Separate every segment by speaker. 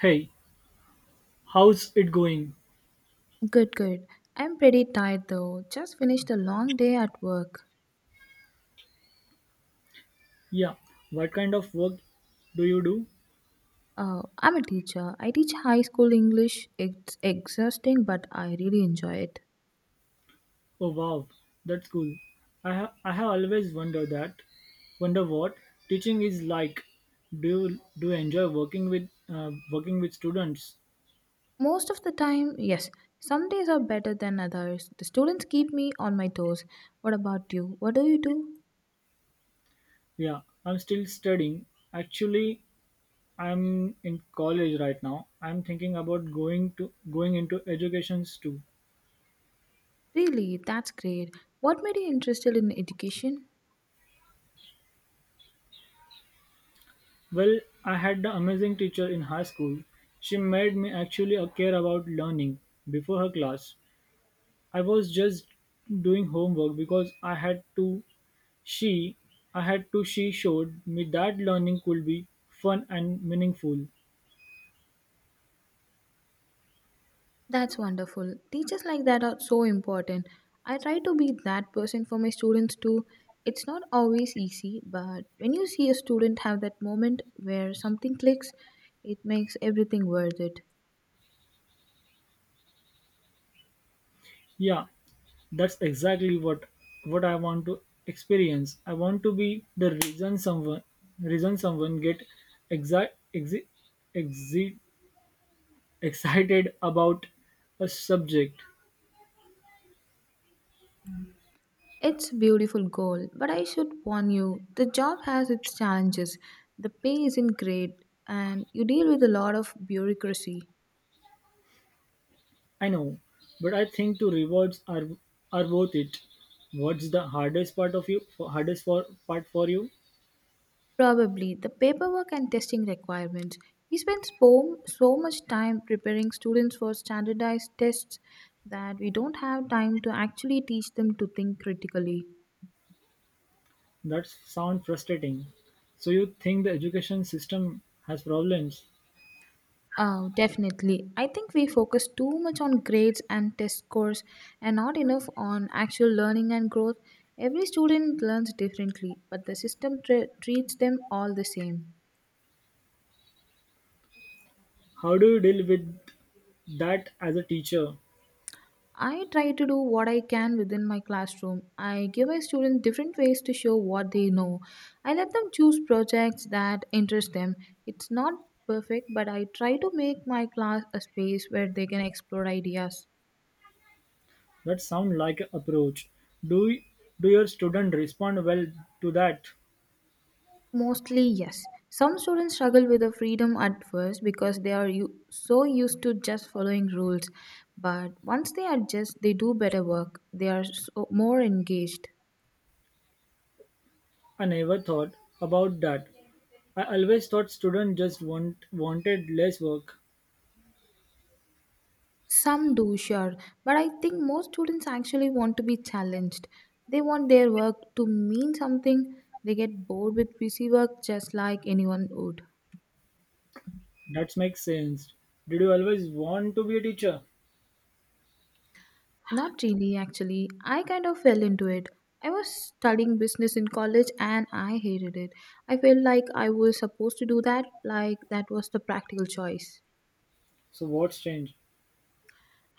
Speaker 1: Hey, how's it going?
Speaker 2: Good, good. I'm pretty tired though. Just finished a long day at work.
Speaker 1: Yeah, what kind of work do you do?
Speaker 2: I'm a teacher. I teach high school English. It's exhausting, but I really enjoy it.
Speaker 1: Oh wow, that's cool. I have always wondered that. Wonder what teaching is like. Do you, do you enjoy working with students?
Speaker 2: Most of the time, yes, some days are better than others. The students keep me on my toes. What about you? What do you do?
Speaker 1: Yeah, I'm still studying. Actually, I'm in college right now. I'm thinking about going into educations too.
Speaker 2: Really, that's great. What made you interested in education?
Speaker 1: Well, I had the amazing teacher in high school. She made me actually care about learning before her class. I was just doing homework because she I had to she showed me that learning could be fun and meaningful.
Speaker 2: That's wonderful. Teachers like that are so important. I try to be that person for my students too. It's not always easy, but when you see a student have that moment where something clicks, it makes everything worth it.
Speaker 1: Yeah, that's exactly what I want to experience. I want to be the reason someone get exact exi exi excited about a subject.
Speaker 2: It's a beautiful goal, but I should warn you the job has its challenges. The pay isn't great, and you deal with a lot of bureaucracy.
Speaker 1: I know, but I think two rewards are worth it. What's the hardest part of you? For, hardest for part for you?
Speaker 2: Probably the paperwork and testing requirements. We spend so much time preparing students for standardized tests that we don't have time to actually teach them to think critically.
Speaker 1: That sound frustrating. So you think the education system has problems?
Speaker 2: Oh, definitely. I think we focus too much on grades and test scores and not enough on actual learning and growth. Every student learns differently, but the system treats them all the same.
Speaker 1: How do you deal with that as a teacher?
Speaker 2: I try to do what I can within my classroom. I give my students different ways to show what they know. I let them choose projects that interest them. It's not perfect, but I try to make my class a space where they can explore ideas.
Speaker 1: That sound like an approach. Do do your student respond well to that?
Speaker 2: Mostly, yes. Some students struggle with the freedom at first because they are so used to just following rules. But once they adjust, they do better work. They are so more engaged.
Speaker 1: I never thought about that. I always thought students just wanted less work.
Speaker 2: Some do, sure, but I think most students actually want to be challenged. They want their work to mean something. They get bored with busy work just like anyone would.
Speaker 1: That makes sense. Did you always want to be a teacher?
Speaker 2: Not really, actually. I kind of fell into it. I was studying business in college and I hated it. I felt like I was supposed to do that, like that was the practical choice.
Speaker 1: So what's changed?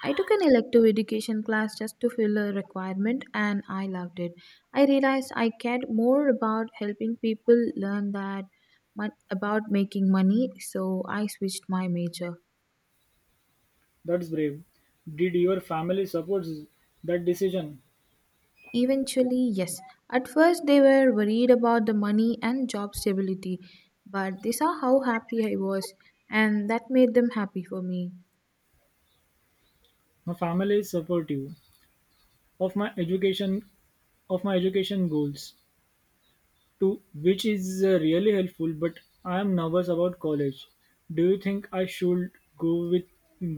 Speaker 2: I took an elective education class just to fill a requirement and I loved it. I realized I cared more about helping people learn that about making money, so I switched my major.
Speaker 1: That's brave. Did your family support that decision?
Speaker 2: Eventually, yes. At first, they were worried about the money and job stability, but they saw how happy I was, and that made them happy for me.
Speaker 1: My family is supportive of my education of my education goals to which is really helpful, but I am nervous about college. Do you think I should go with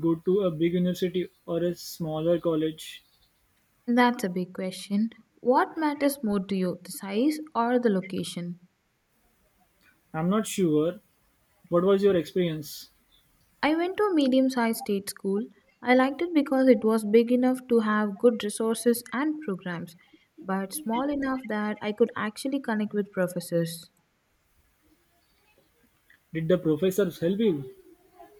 Speaker 1: go to a big university or a smaller college?
Speaker 2: That's a big question. What matters more to you, the size or the location?
Speaker 1: I'm not sure. What was your experience?
Speaker 2: I went to a medium sized state school. I liked it because it was big enough to have good resources and programs, but small enough that I could actually connect with professors.
Speaker 1: Did the professors help you?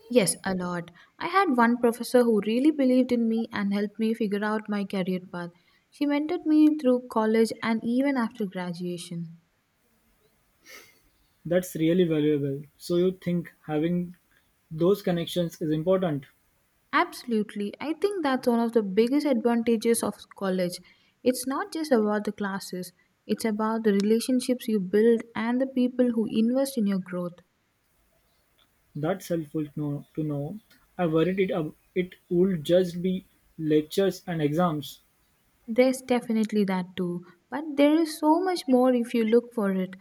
Speaker 2: Yes, a lot. I had one professor who really believed in me and helped me figure out my career path. She mentored me through college and even after graduation.
Speaker 1: That's really valuable. So you think having those connections is important?
Speaker 2: Absolutely. I think that's one of the biggest advantages of college. It's not just about the classes, it's about the relationships you build and the people who invest in your growth.
Speaker 1: That's helpful to know. To know. I worried it ab- it would just be lectures and exams.
Speaker 2: There's definitely that too, but there is so much more if you look for it.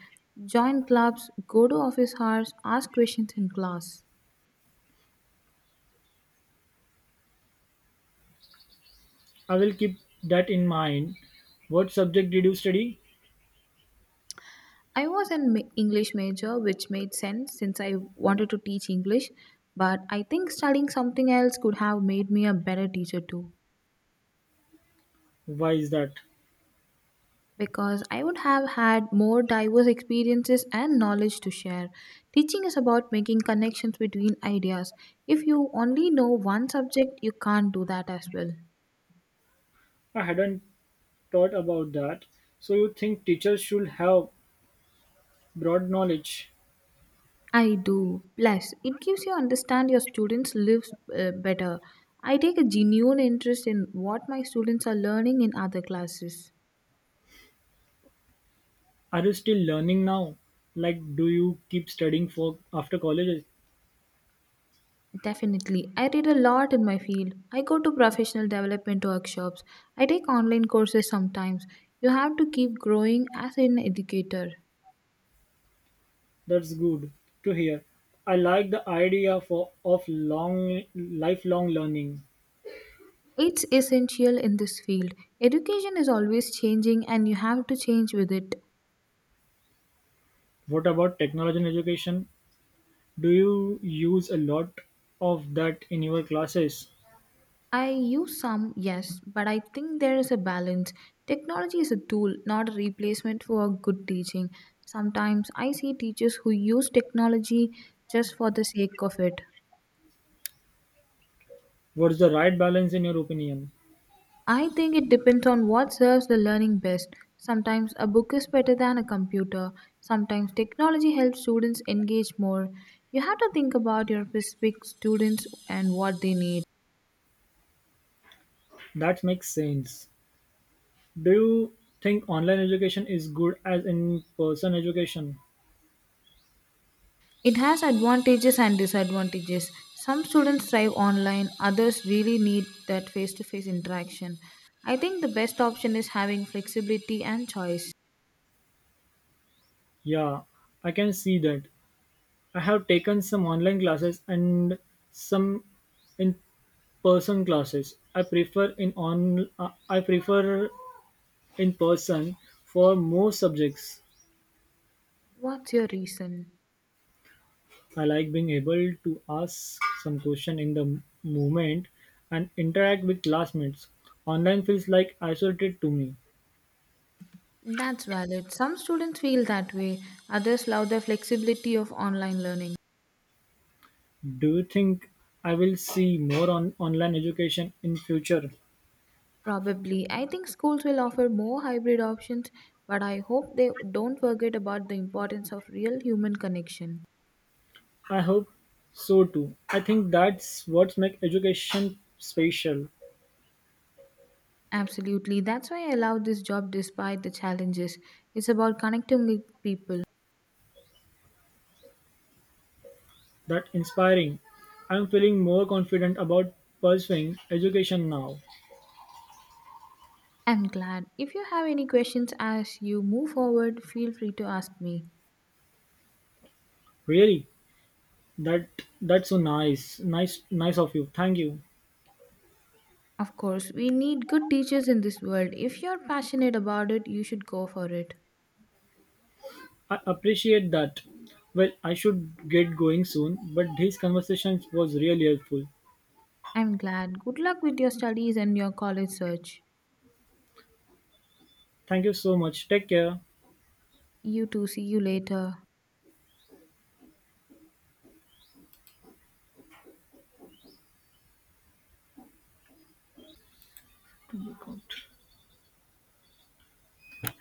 Speaker 2: Join clubs, go to office hours, ask questions in class.
Speaker 1: I will keep that in mind. What subject did you study?
Speaker 2: I was an English major, which made sense since I wanted to teach English, but I think studying something else could have made me a better teacher too.
Speaker 1: Why is that?
Speaker 2: Because I would have had more diverse experiences and knowledge to share. Teaching is about making connections between ideas. If you only know one subject, you can't do that as well.
Speaker 1: I hadn't thought about that. So you think teachers should have broad knowledge?
Speaker 2: I do. Plus, it gives you understand your students' lives, better. I take a genuine interest in what my students are learning in other classes.
Speaker 1: Are you still learning now? Like, do you keep studying for after college?
Speaker 2: Definitely. I read a lot in my field. I go to professional development workshops. I take online courses sometimes. You have to keep growing as an educator.
Speaker 1: That's good to hear. I like of long lifelong learning.
Speaker 2: It's essential in this field. Education is always changing and you have to change with it.
Speaker 1: What about technology in education? Do you use a lot of that in your classes?
Speaker 2: I use some, yes, but I think there is a balance. Technology is a tool, not a replacement for good teaching. Sometimes I see teachers who use technology just for the sake of it.
Speaker 1: What's the right balance in your opinion?
Speaker 2: I think it depends on what serves the learning best. Sometimes a book is better than a computer. Sometimes technology helps students engage more. You have to think about your specific students and what they need.
Speaker 1: That makes sense. Do you think online education is good as in person education?
Speaker 2: It has advantages and disadvantages. Some students thrive online, others really need that face to face interaction. I think the best option is having flexibility and choice.
Speaker 1: Yeah, I can see that. I have taken some online classes and some in-person classes. I prefer in person for most subjects.
Speaker 2: What's your reason?
Speaker 1: I like being able to ask some question in moment and interact with classmates. Online feels like isolated to me.
Speaker 2: That's valid. Some students feel that way, others love the flexibility of online learning.
Speaker 1: Do you think I will see more on online education in future?
Speaker 2: Probably. I think schools will offer more hybrid options, but I hope they don't forget about the importance of real human connection.
Speaker 1: I hope so too. I think that's what makes education special.
Speaker 2: Absolutely. That's why I love this job despite the challenges. It's about connecting with people.
Speaker 1: That inspiring. I'm feeling more confident about pursuing education now.
Speaker 2: I'm glad. If you have any questions as you move forward, feel free to ask me.
Speaker 1: Really? That that's so nice. Nice of you. Thank you.
Speaker 2: Of course, we need good teachers in this world. If you're passionate about it, you should go for it.
Speaker 1: I appreciate that. Well, I should get going soon, but this conversation was really helpful.
Speaker 2: I'm glad. Good luck with your studies and your college search.
Speaker 1: Thank you so much. Take care.
Speaker 2: You too. See you later.